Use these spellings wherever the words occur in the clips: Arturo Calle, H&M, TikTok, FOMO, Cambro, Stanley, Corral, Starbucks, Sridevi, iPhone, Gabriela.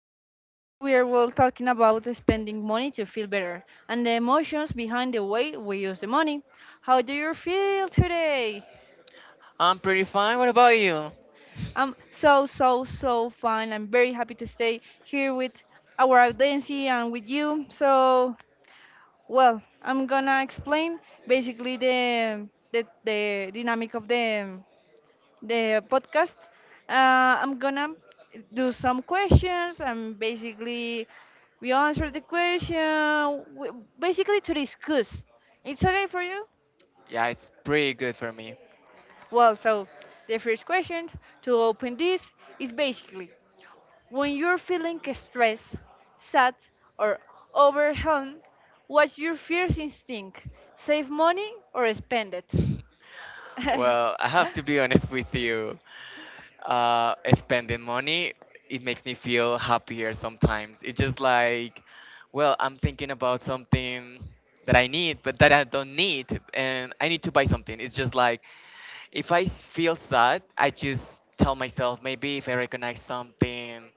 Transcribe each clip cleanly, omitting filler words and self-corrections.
Today we are talking about spending money to feel better and the emotions behind the way we use the money. How do you feel today? I'm pretty fine. What about you? I'm so fine. I'm very happy to stay here with our audience and with you. So I'm gonna explain basically the dynamic of the podcast. I'm gonna do some questions and basically we answer the question, basically to discuss. It's okay for you? Yeah, it's pretty good for me. So the first question to open this is basically when you're feeling stressed, sad, or overwhelmed, what's your first instinct? Save money or spend it? Well, I have to be honest with you. Spending money, it makes me feel happier sometimes. It's just like, well, I'm thinking about something that I need, but that I don't need, and I need to buy something. It's just like, if I feel sad, I just tell myself maybe if I recognize something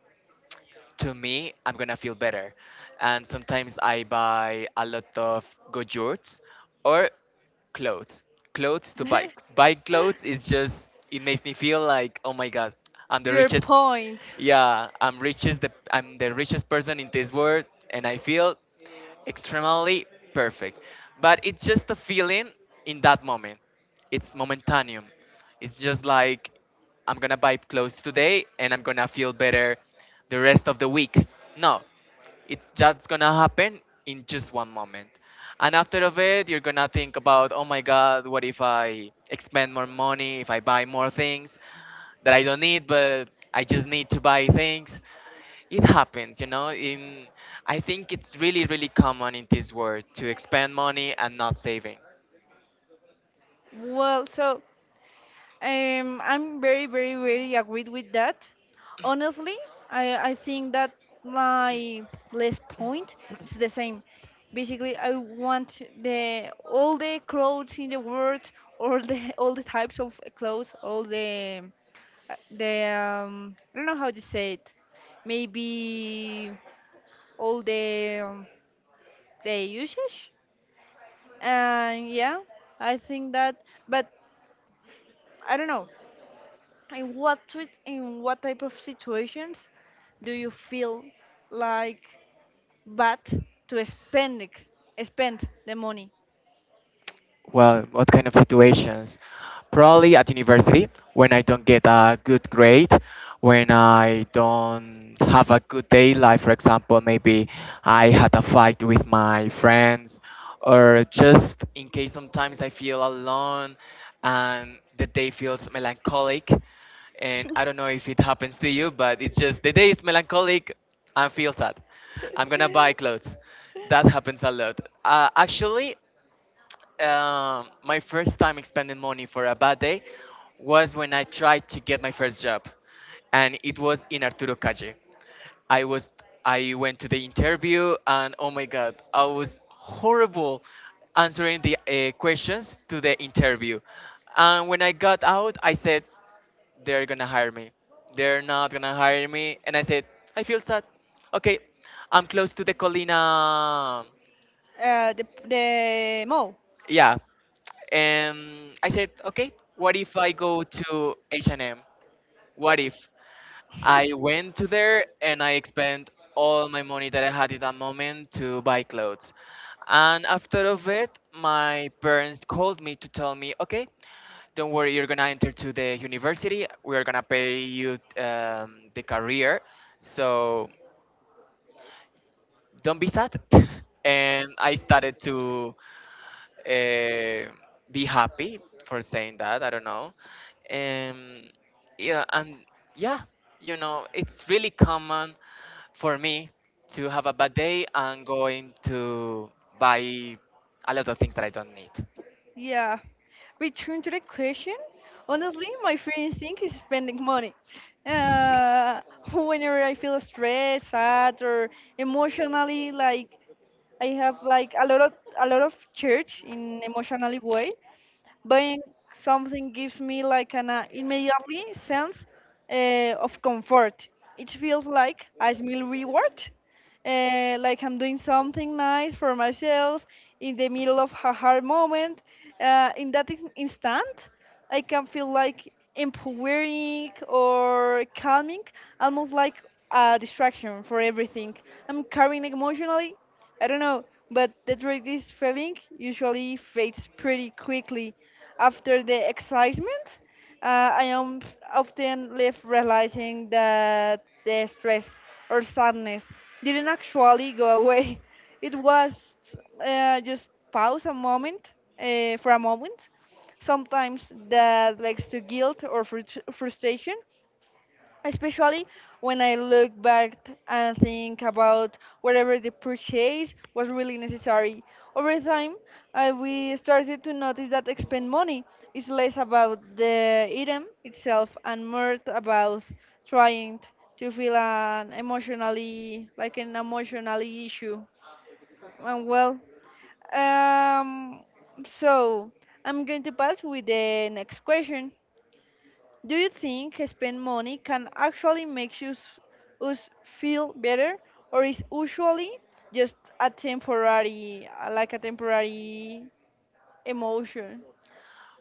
to me, I'm gonna feel better. And sometimes I buy a lot of gojurts or clothes. Clothes to buy. Buying clothes is just it makes me feel like oh my god, I'm the Your richest. point. Yeah, I'm richest. I'm the richest person in this world, and I feel extremely perfect. But it's just a feeling in that moment. It's momentaneum. It's just like I'm gonna buy clothes today and I'm gonna feel better the rest of the week. No, it's just gonna happen in just one moment. And after of it, you're gonna think about, oh my God, what if I expend more money, if I buy more things that I don't need, but I just need to buy things it happens in I think it's really, really common in this world to expend money and not saving. Well, I'm very agreed with that. Honestly, I think that my last point is the same. Basically, I want the all the clothes in the world, all the all the types of clothes, all the I don't know how to say it. Maybe all the the usage. And yeah, I think that, but I don't know. In what type of situations do you feel like bad to spend the money? Well, what kind of situations? Probably at university, when I don't get a good grade, when I don't have a good day, like for example, maybe I had a fight with my friends, or just in case sometimes I feel alone and the day feels melancholic. And I don't know if it happens to you, but it's just the day is melancholic, I feel sad. I'm gonna buy clothes. That happens a lot. Actually, my first time expending money for a bad day was when I tried to get my first job, and it was in Arturo Calle. I was I went to the interview, and oh my god, I was horrible answering the questions to the interview. And when I got out, I said they're gonna hire me. They're not gonna hire me, and I said I feel sad. Okay, I'm close to the Colina, The mall. yeah, and I said okay, what if I go to h&m, what if I went to there and I spent all my money that I had at that moment to buy clothes. And after of it my parents called me to tell me okay, don't worry, you're gonna enter to the university, we are gonna pay you the career, so don't be sad. and I started to uh, be happy for saying that. I don't know. Um, yeah, and yeah, you know, it's really common for me to have a bad day and going to buy a lot of things that I don't need. Yeah. Return to the question. Honestly, my first instinct is spending money. Uh, whenever I feel stressed, sad, or emotionally like I have like a lot of church in emotionally way. Buying something gives me like an immediately sense of comfort. It feels like a small reward, like I'm doing something nice for myself in the middle of a hard moment. In that instant, I can feel like empowering or calming, almost like a distraction for everything I'm carrying emotionally. I don't know, but the arthritis feeling usually fades pretty quickly after the excitement. I am often left realizing that the stress or sadness didn't actually go away. It was just pause a moment for a moment. Sometimes that leads to guilt or frustration, especially when I look back and think about whatever the purchase was really necessary. Over time, I we started to notice that expend money is less about the item itself and more about trying t- to feel an emotionally like an emotionally issue. And well, um, so I'm going to pass with the next question. Do you think spend money can actually make us feel better, or is usually just a temporary, like a temporary emotion?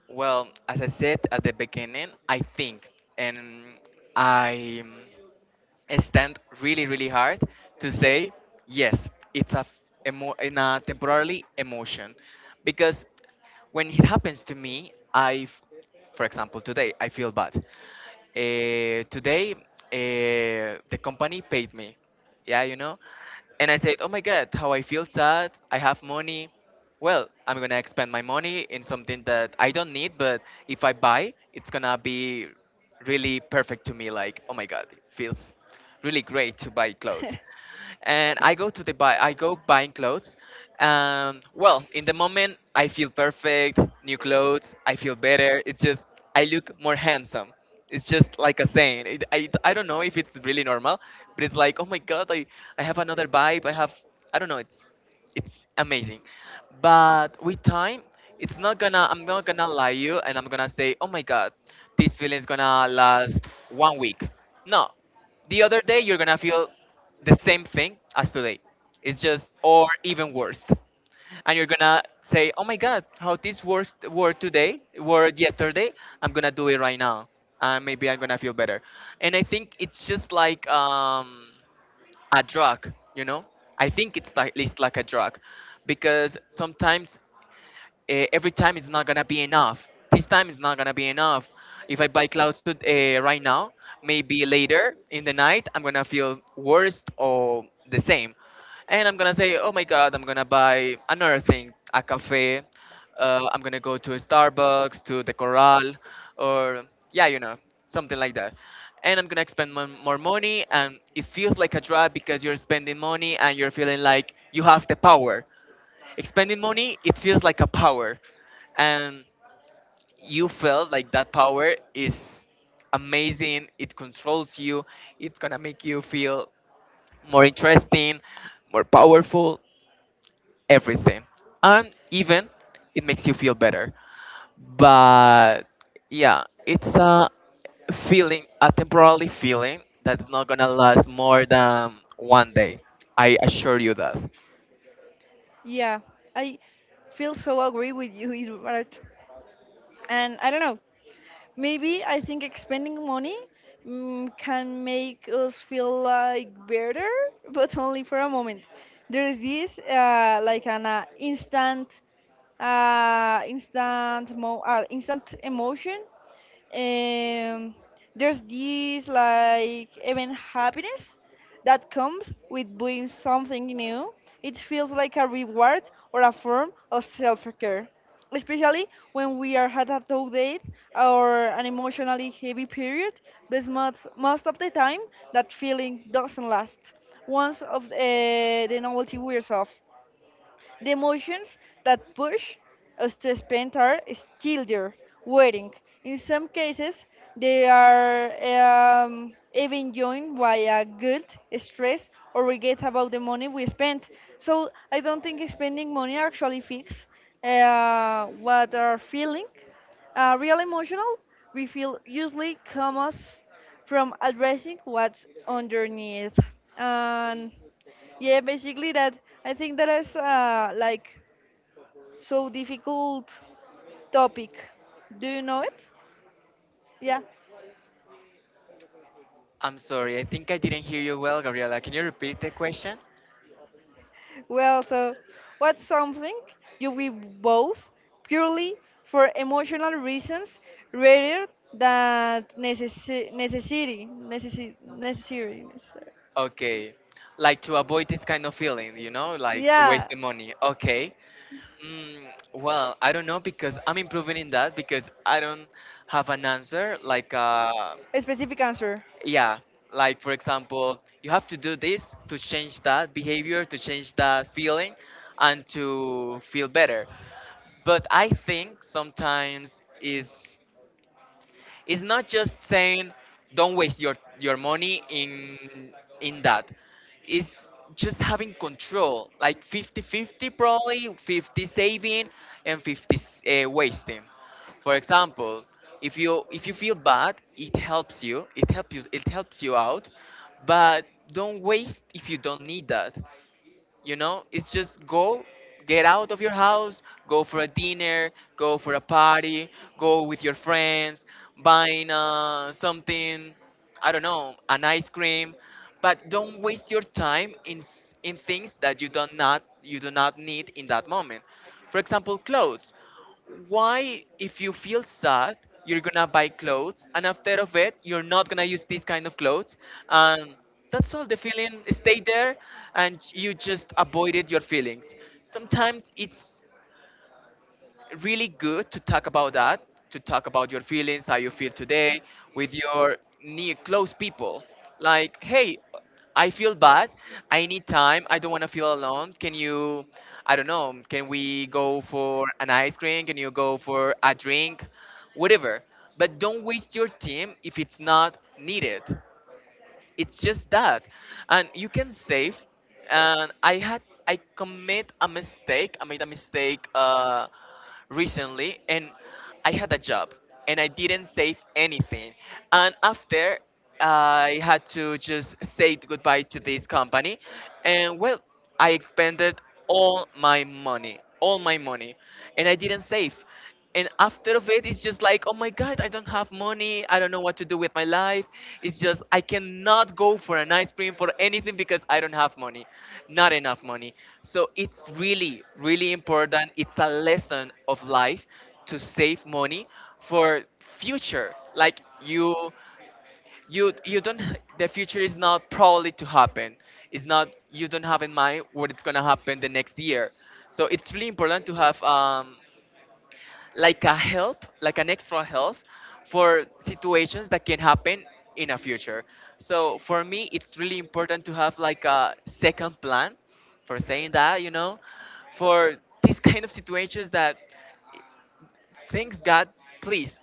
Well, as I said at the beginning, I think and I stand really, really hard to say yes. It's a, in a temporarily emotion because when it happens to me, for example, today I feel bad. Today, the company paid me. Yeah, you know, and I said, "Oh my God, how I feel sad. I have money. Well, I'm gonna expend my money in something that I don't need, but if I buy, it's gonna be really perfect to me. Like, oh my God, it feels really great to buy clothes and I go to the buy I go buying clothes. Well, in the moment I feel perfect, new clothes, I feel better. It's just I look more handsome. It's just like a saying. I don't know if it's really normal, but it's like, oh my god, I have another vibe. I don't know. It's amazing. But with time, it's not gonna I'm not gonna lie you and I'm gonna say, oh my god, this feeling is gonna last one week. No, the other day you're gonna feel the same thing as today. It's just or even worse. And you're gonna say, "Oh my God, how this works were today, were yesterday. I'm gonna do it right now, and maybe I'm gonna feel better." And I think it's just like a drug, you know. I think it's like a drug, because sometimes every time it's not gonna be enough. This time it's not gonna be enough. If I buy clothes to, right now, maybe later in the night I'm gonna feel worse or the same, and I'm gonna say, oh my god, I'm gonna buy another thing, a cafe. I'm gonna go to a Starbucks, to the Corral, or yeah, you know, something like that. And I'm gonna spend more money, and it feels like a trap because you're spending money and you're feeling like you have the power. Spending money, it feels like a power, and you feel like that power is amazing. It controls you. It's gonna make you feel more interesting, more powerful, everything, and even it makes you feel better. But yeah, it's a a temporary feeling that's not gonna last more than one day. I assure you that. Yeah, I feel so agree with you, Bart. And I don't know. Maybe I think expending money can make us feel like better, but only for a moment. There is this like an instant, instant, mo- instant emotion. Um, there's this like even happiness that comes with doing something new. It feels like a reward or a form of self-care, especially when we are at a tough date or an emotionally heavy period. But most of the time, that feeling doesn't last once of the novelty wears off. The emotions that push us to spend are still there, waiting. In some cases, they are even joined by a guilt, stress, or regret about the money we spent. So I don't think spending money actually fix what are feeling. Real emotional, we feel usually comes from addressing what's underneath. And yeah, basically that. I think that is like so difficult topic. Do you know it? Yeah. I'm sorry, I think I didn't hear you well, Gabriela. Can you repeat the question? Well, so what's something you will both purely for emotional reasons rather than necessary. Okay, like to avoid this kind of feeling, you know, like to waste Yeah. the money. Okay. Mm, well, I don't know because I'm improving in that because I don't have an answer. Like, A specific answer. yeah, like for example, you have to do this to change that behavior, to change that feeling, and to feel better. But I think sometimes is it's not just saying don't waste your money in that. It's just having control, like 50-50 probably, 50 saving and 50 wasting. For example, if you feel bad, it helps you. It helps you out, but don't waste if you don't need that. You know, it's just go, get out of your house, go for a dinner, go for a party, go with your friends, buying something, I don't know, an ice cream, but don't waste your time in in things that you do not need in that moment. For example, clothes, why if you feel sad you're gonna buy clothes and after of it you're not gonna use these kind of clothes, and that's all the feeling stay there and you just avoided your feelings. Sometimes it's really good to talk about that, to talk about your feelings, how you feel today with your near close people. Like, hey, I feel bad. I need time. I don't want to feel alone. Can you, I don't know, can we go for an ice cream? Can you go for a drink? Whatever. But don't waste your time if it's not needed, it's just that, and you can save. And I had I commit a mistake I made a mistake, recently, and I had a job and I didn't save anything, and after I had to just say goodbye to this company. And well, I expended all my money, and I didn't save. And after of it it's just like oh my god, I don't have money, I don't know what to do with my life. It's just I cannot go for an ice cream, for anything because I don't have money, not enough money. So it's really, really important, it's a lesson of life to save money for future. Like you don't, the future is not probably to happen, it's not, you don't have in mind what it's going to happen the next year. So it's really important to have like a help, like an extra help for situations that can happen in a future. So for me, it's really important to have like a second plan for saying that, you know, for these kind of situations that things God, please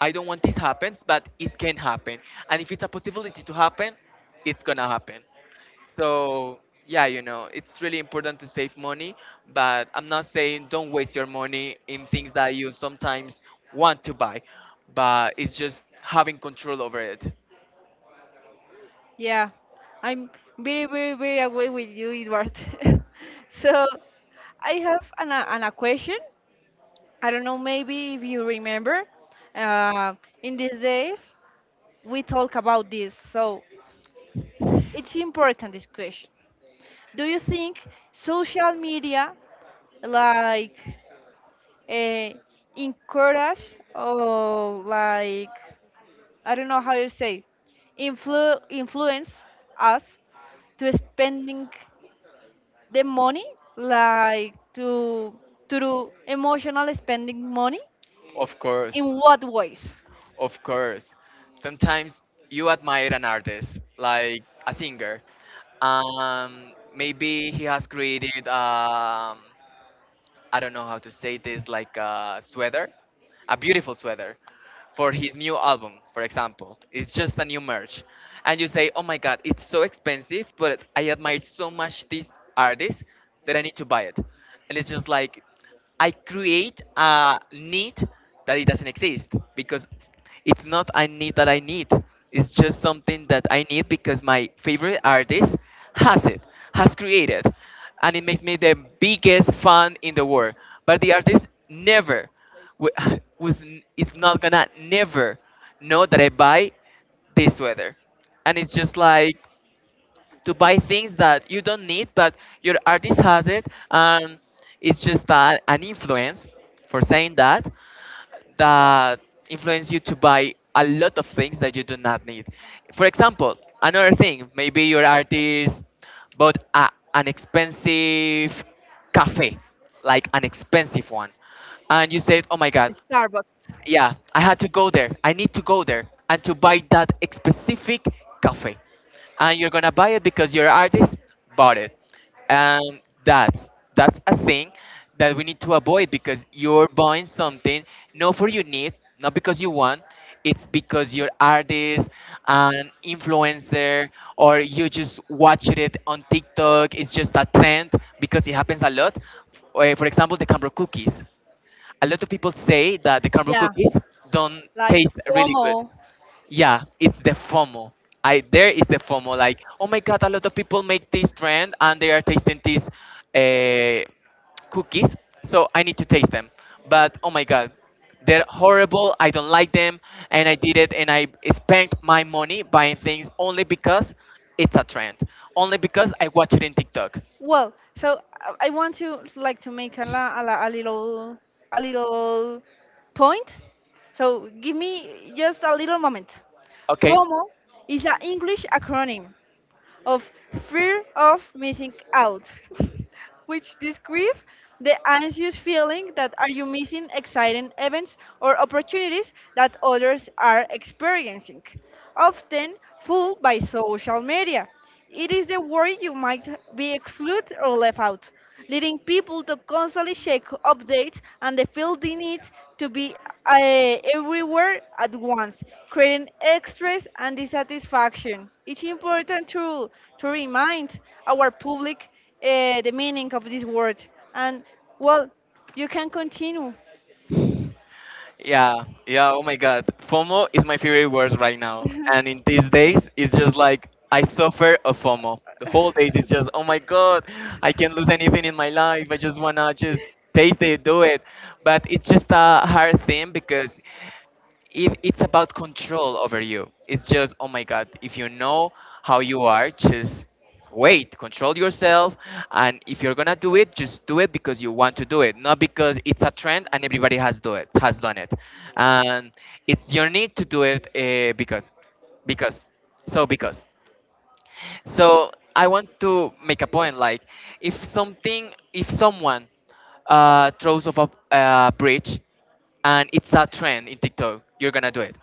I don't want this happens, but it can happen. And if it's a possibility to happen, it's gonna happen. So yeah, you know, it's really important to save money, but I'm not saying don't waste your money in things that you sometimes want to buy, but it's just having control over it. Yeah, I'm very aware with you, Edward. So I have an a question. I don't know, maybe if you remember, uh, in these days we talk about this. So it's important this question. Do you think social media like uh, encourage or like I don't know how you say, influence us to spending the money, like to do emotional spending money. Of course, In what ways? of course. Sometimes you admire an artist, like a singer. Maybe he has created I don't know how to say this, like a sweater, a beautiful sweater for his new album, for example. It's just a new merch. And you say, oh my God, it's so expensive, but I admire so much this artist that I need to buy it. And it's just like, I create a need that it doesn't exist because it's not I need that I need. It's just something that I need because my favorite artist has it, has created, and it makes me the biggest fan in the world. But the artist never w- is not gonna never know that I buy this sweater, and it's just like to buy things that you don't need, but your artist has it, and it's just an influence for saying that influence you to buy a lot of things that you do not need. For example, another thing, maybe your artist bought an expensive cafe, like an expensive one, and you said, "Oh my God, Starbucks. yeah, I had to go there. I need to go there and to buy that specific cafe." And you're gonna buy it because your artist bought it. And that's a thing that we need to avoid because you're buying something not for your need, not because you want. It's because your artist, an influencer, or you just watched it on TikTok. It's just a trend because it happens a lot. For example, the Cambro cookies, a lot of people say that the caramel Yeah, cookies don't like taste really good. FOMO. Yeah, it's the FOMO. I There is the FOMO. Like, oh my god, a lot of people make this trend and they are tasting these uh, cookies, so I need to taste them. But oh my god, they're horrible. I don't like them, and I did it, and I spent my money buying things only because it's a trend, only because I watch it in TikTok. Well, so I want to like to make a, la, a, la, a little point. So give me just a little moment. Okay. FOMO is an English acronym of fear of missing out, which describes the anxious feeling that are you missing exciting events or opportunities that others are experiencing, often fueled by social media. It is the worry you might be excluded or left out, leading people to constantly check updates and they feel the need to be uh, everywhere at once, creating stress and dissatisfaction. It's important to remind our public the meaning of this word. And, well, you can continue. Yeah, yeah, oh my god. FOMO is my favorite word right now. And in these days, it's just like I suffer a FOMO. The whole day is just, oh my god, I can't lose anything in my life. I just wanna just taste it, do it. But it's just a hard thing because it's about control over you. It's just, oh my God, if you know how you are, just wait, control yourself. And if you're gonna do it, just do it because you want to do it, not because it's a trend and everybody has do it, has done it. And it's your need to do it because, because, because. So I want to make a point, like, if something if someone throws off a bridge and it's a trend in TikTok, you're gonna do it.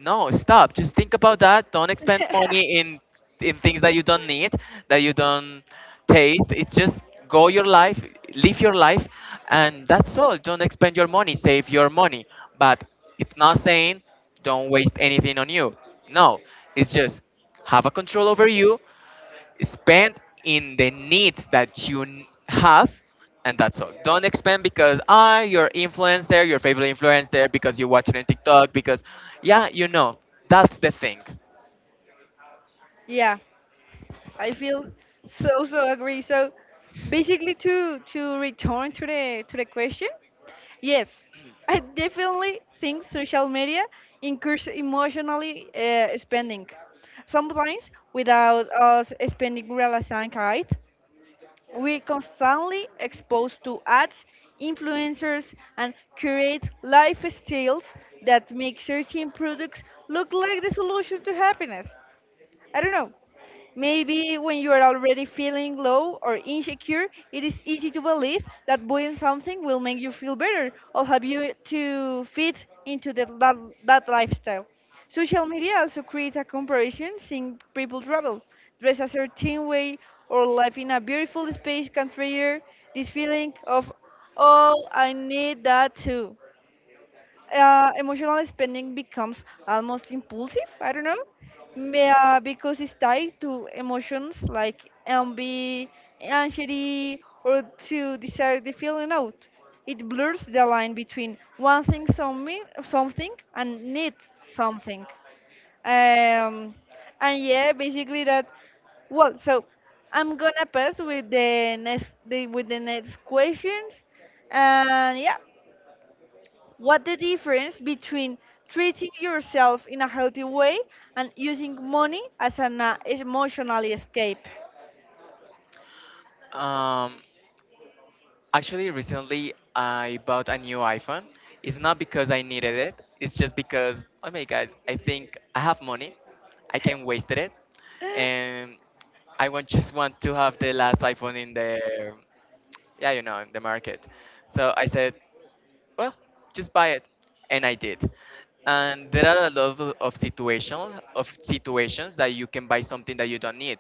No, stop. Just think about that. Don't expend money in things that you don't need, that you don't taste. It's just go your life, live your life, and that's all. Don't expend your money. Save your money. But it's not saying don't waste anything on you. No, it's just have a control over you, spend in the needs that have, and that's all. Don't expand because you're influencer your favorite influencer, because you watch it on TikTok, because, yeah, that's the thing. Yeah. I feel so agree. So basically to return to the question, yes, I definitely think social media incurs emotionally spending. Sometimes without us spending realizing it, we're constantly exposed to ads, influencers, and curate lifestyles that make certain products look like the solution to happiness. I don't know. Maybe when you are already feeling low or insecure, it is easy to believe that buying something will make you feel better or help you to fit into that lifestyle. Social media also creates a comparison seeing people travel, dress a certain way, or live in a beautiful space can trigger this feeling of, oh, I need that too. Emotional spending becomes almost impulsive. I don't know, May- because it's tied to emotions like envy, anxiety, or to desire the feeling out. It blurs the line between wanting something and need something. Um, and yeah, basically that. Well, so I'm gonna pass with with the next questions, and yeah. What the difference between treating yourself in a healthy way and using money as an emotional escape? um Actually, recently I bought a new iPhone. It's not because I needed it, it's just because, oh my god, I think I have money, I can waste it. And I want just want to have the last iPhone in the, market. So I said, well, just buy it. And I did. And there are a lot of situations that you can buy something that you don't need.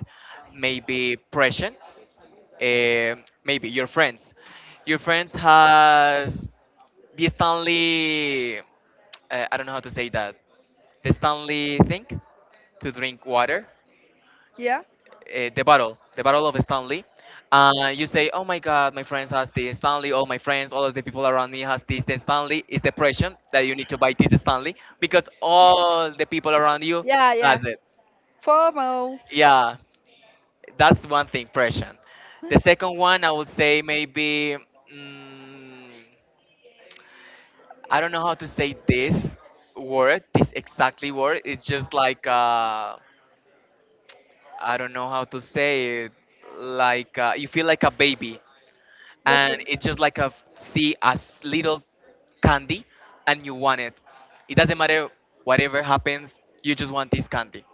Maybe present, eh, maybe your friends. Your friends has the Stanley, I don't know how to say that, the Stanley thing to drink water, yeah, the battle of Stanley. You say, "Oh my God, my friends has this Stanley. All my friends, all of the people around me has this the Stanley." It's depression that you need to buy this Stanley because all the people around you yeah. has it. FOMO. Yeah, that's one thing, depression. The second one, I would say maybe, mm, I don't know how to say this word, this exactly word. It's just like, I don't know how to say it. Like, you feel like a baby, and Okay. it's just like a, see as little candy, and you want it. It doesn't matter whatever happens, you just want this candy.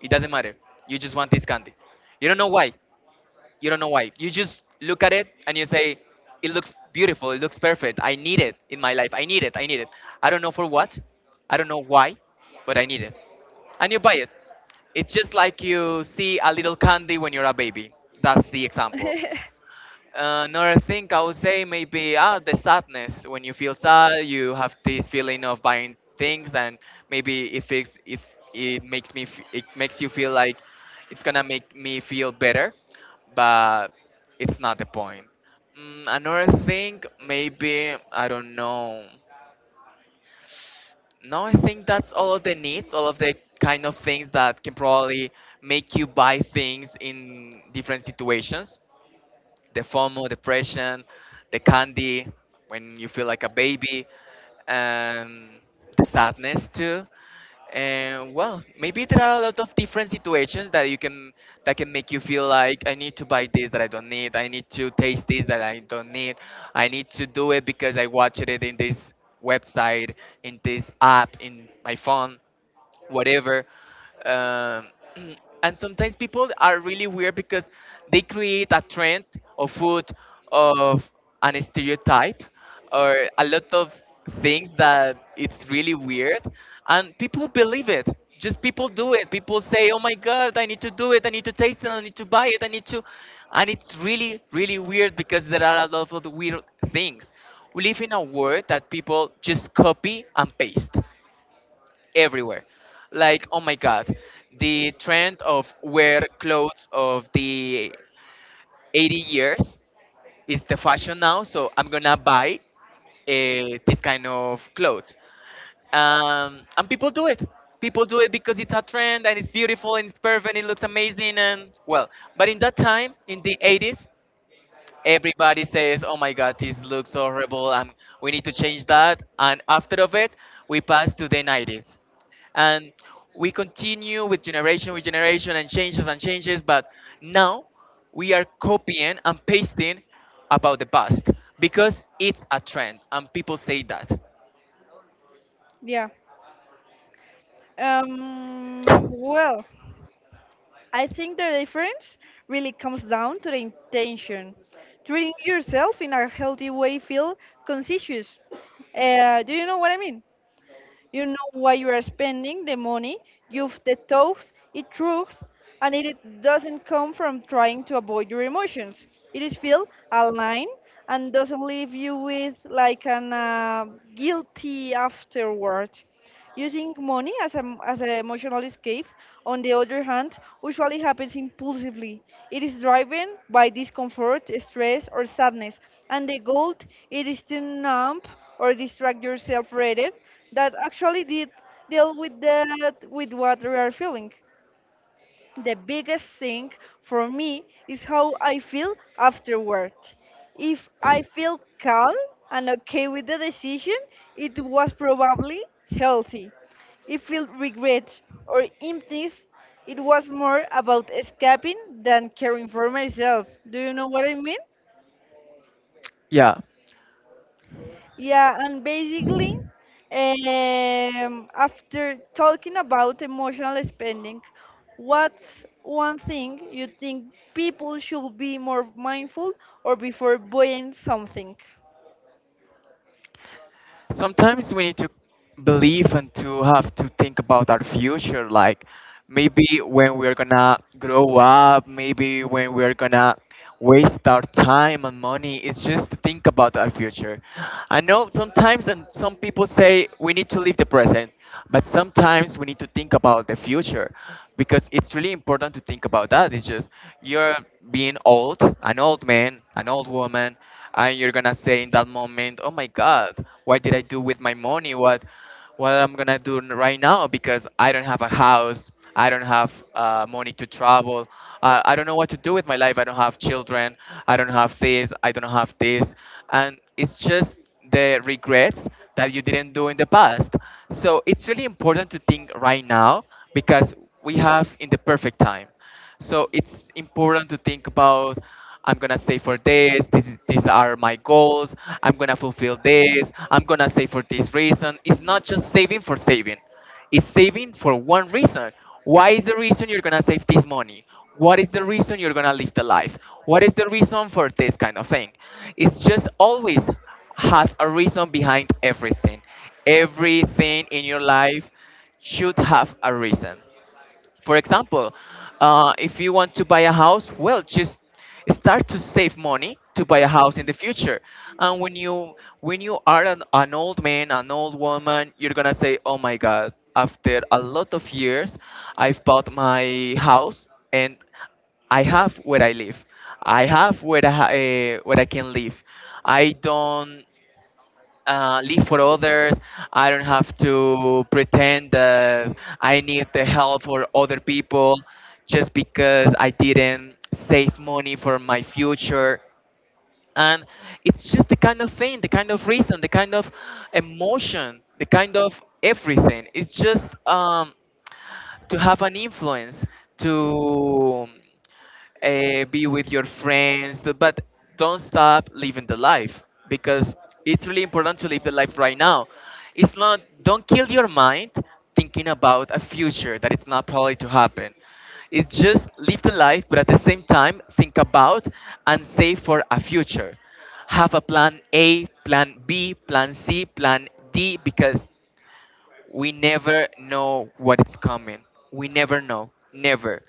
It doesn't matter, you just want this candy. You don't know why, you don't know why. You just look at it and you say, it looks beautiful, it looks perfect, I need it in my life, I need it, I need it. I don't know for what, I don't know why, but I need it, and you buy it. It's just like you see a little candy when you're a baby. That's the example. Another thing I would say maybe, the sadness. When you feel sad, you have this feeling of buying things, and maybe if it makes you feel like it's gonna make me feel better, but it's not the point. Another thing maybe I don't know. No, I think that's all of the needs, all of the kind of things that can probably make you buy things in different situations: the FOMO, depression, the candy when you feel like a baby, and the sadness too. And well, maybe there are a lot of different situations that can make you feel like I need to buy this that I don't need, I need to taste this that I don't need, I need to do it because I watched it in this website, in this app, in my phone, whatever. Um, and sometimes people are really weird because they create a trend of food, of an stereotype, or a lot of things that it's really weird, and people believe it. Just people do it, people say, oh my god, I need to do it, I need to taste it, I need to buy it, I need to. And it's really, really weird because there are a lot of weird things. We live in a world that people just copy and paste everywhere. Like, oh my God, the trend of wear clothes of the 80 years is the fashion now, so I'm gonna buy this kind of clothes. And people do it. People do it because it's a trend and it's beautiful and it's perfect and it looks amazing, and well. But in that time, in the 80s, everybody says, "Oh my God, this looks so horrible. We need to change that." And after of it, we pass to the 90s, and we continue with generation and changes and changes. But now we are copying and pasting about the past because it's a trend, and people say that. Yeah. Well, I think the difference really comes down to the intention. Treating yourself in a healthy way feel conscious. Do you know what I mean? You know why you are spending the money, you've the detoxed it through, and it doesn't come from trying to avoid your emotions. It is feel aligned and doesn't leave you with like an guilty afterward. Using money as an emotional escape, on the other hand, usually happens impulsively. It is driven by discomfort, stress, or sadness, and the goal it is to numb or distract yourself from it. That actually did deal with that with what we are feeling. The biggest thing for me is how I feel afterward. If I feel calm and okay with the decision, it was probably healthy. If I feel regret or emptiness, it was more about escaping than caring for myself. Do you know what I mean? Yeah. Yeah, and basically, after talking about emotional spending, what's one thing you think people should be more mindful or before buying something? Sometimes we need to believe and to think about our future, like maybe when we're gonna grow up, maybe when we're gonna waste our time and money. It's just to think about our future. I know sometimes, and some people say we need to live the present, but sometimes we need to think about the future because it's really important to think about that. It's just you're being old, an old man, an old woman, and you're gonna say in that moment, "Oh my God, what did I do with my money? What I'm gonna do right now? Because I don't have a house, I don't have, money to travel, I don't know what to do with my life. I don't have children, I don't have this, I don't have this, and it's just." The regrets that you didn't do in the past. So it's really important to think right now, because we have in the perfect time. So it's important to think about, I'm gonna save for this, this is, these are my goals, I'm gonna fulfill this, I'm gonna save for this reason. It's not just saving for saving. It's saving for one reason. Why is the reason you're gonna save this money? What is the reason you're gonna live the life? What is the reason for this kind of thing? It's just always has a reason behind everything. Everything in your life should have a reason. For example, if you want to buy a house, well, just start to save money to buy a house in the future. And when you are an old man, an old woman, you're gonna say, "Oh my God! After a lot of years, I've bought my house and I have where I live. I have where where I can live. I don't live for others. I don't have to pretend that I need the help for other people just because I didn't save money for my future." And it's just the kind of thing, the kind of reason, the kind of emotion, the kind of everything. It's just, to have an influence to, be with your but don't stop living the life, because it's really important to live the life right now. It's not don't kill your mind thinking about a future that it's not probably to happen. It's just live the life, but at the same time, think about and save for a future. Have a plan, a plan B, plan C, plan D, because we never know what is coming. We never know. Never.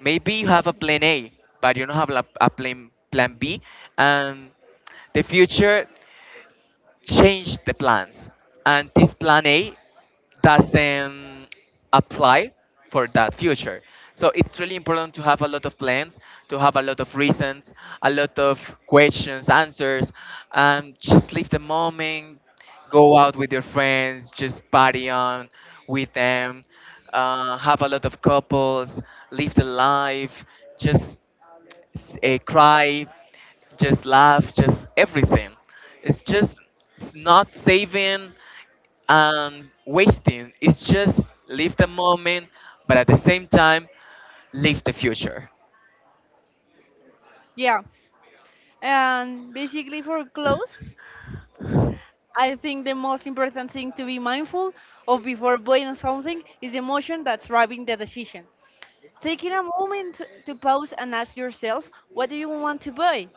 Maybe you have a plan A, but you don't have a plan B. And the future change the plans, and this plan A doesn't apply for that future, so it's really important to have a lot of plans, to have a lot of reasons, a lot of questions, answers, and just live the moment. Go out with your friends, just party on with them, have a lot of couples, live the life, just, cry, just laugh, just everything. It's just, it's not saving and wasting. It's just live the moment, but at the same time, live the future. Yeah, and basically for clothes, I think the most important thing to be mindful of before buying something is the emotion that's driving the decision. Taking a moment to pause and ask yourself, what do you want to buy?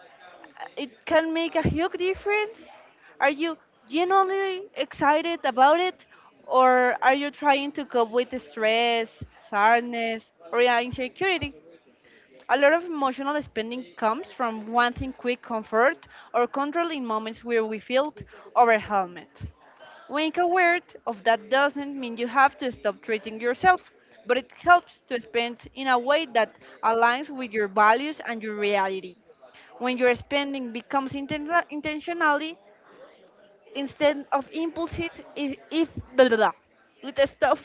It can make a huge difference. Are you genuinely excited about it, or are you trying to cope with the stress, sadness, or yeah, insecurity? A lot of emotional spending comes from wanting quick comfort or control in moments where we feel overwhelmed. Being aware of that doesn't mean you have to stop treating yourself, but it helps to spend in a way that aligns with your values and your reality. When your spending becomes intentionally, instead of impulses if blah, blah, blah. It stops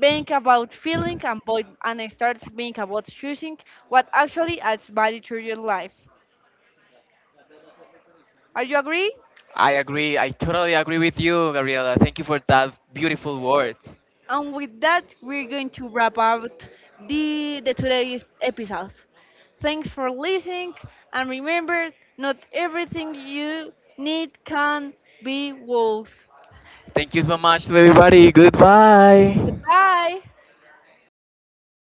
being about void, and it starts being about choosing what actually adds value to your life. Are you agree? I agree. I totally agree with you, Gabriela. Thank you for that beautiful words. And with that, we're going to wrap up the today's episode. Thanks for listening, and remember, not everything you need can be worth. Thank you so much to everybody. Goodbye. Goodbye.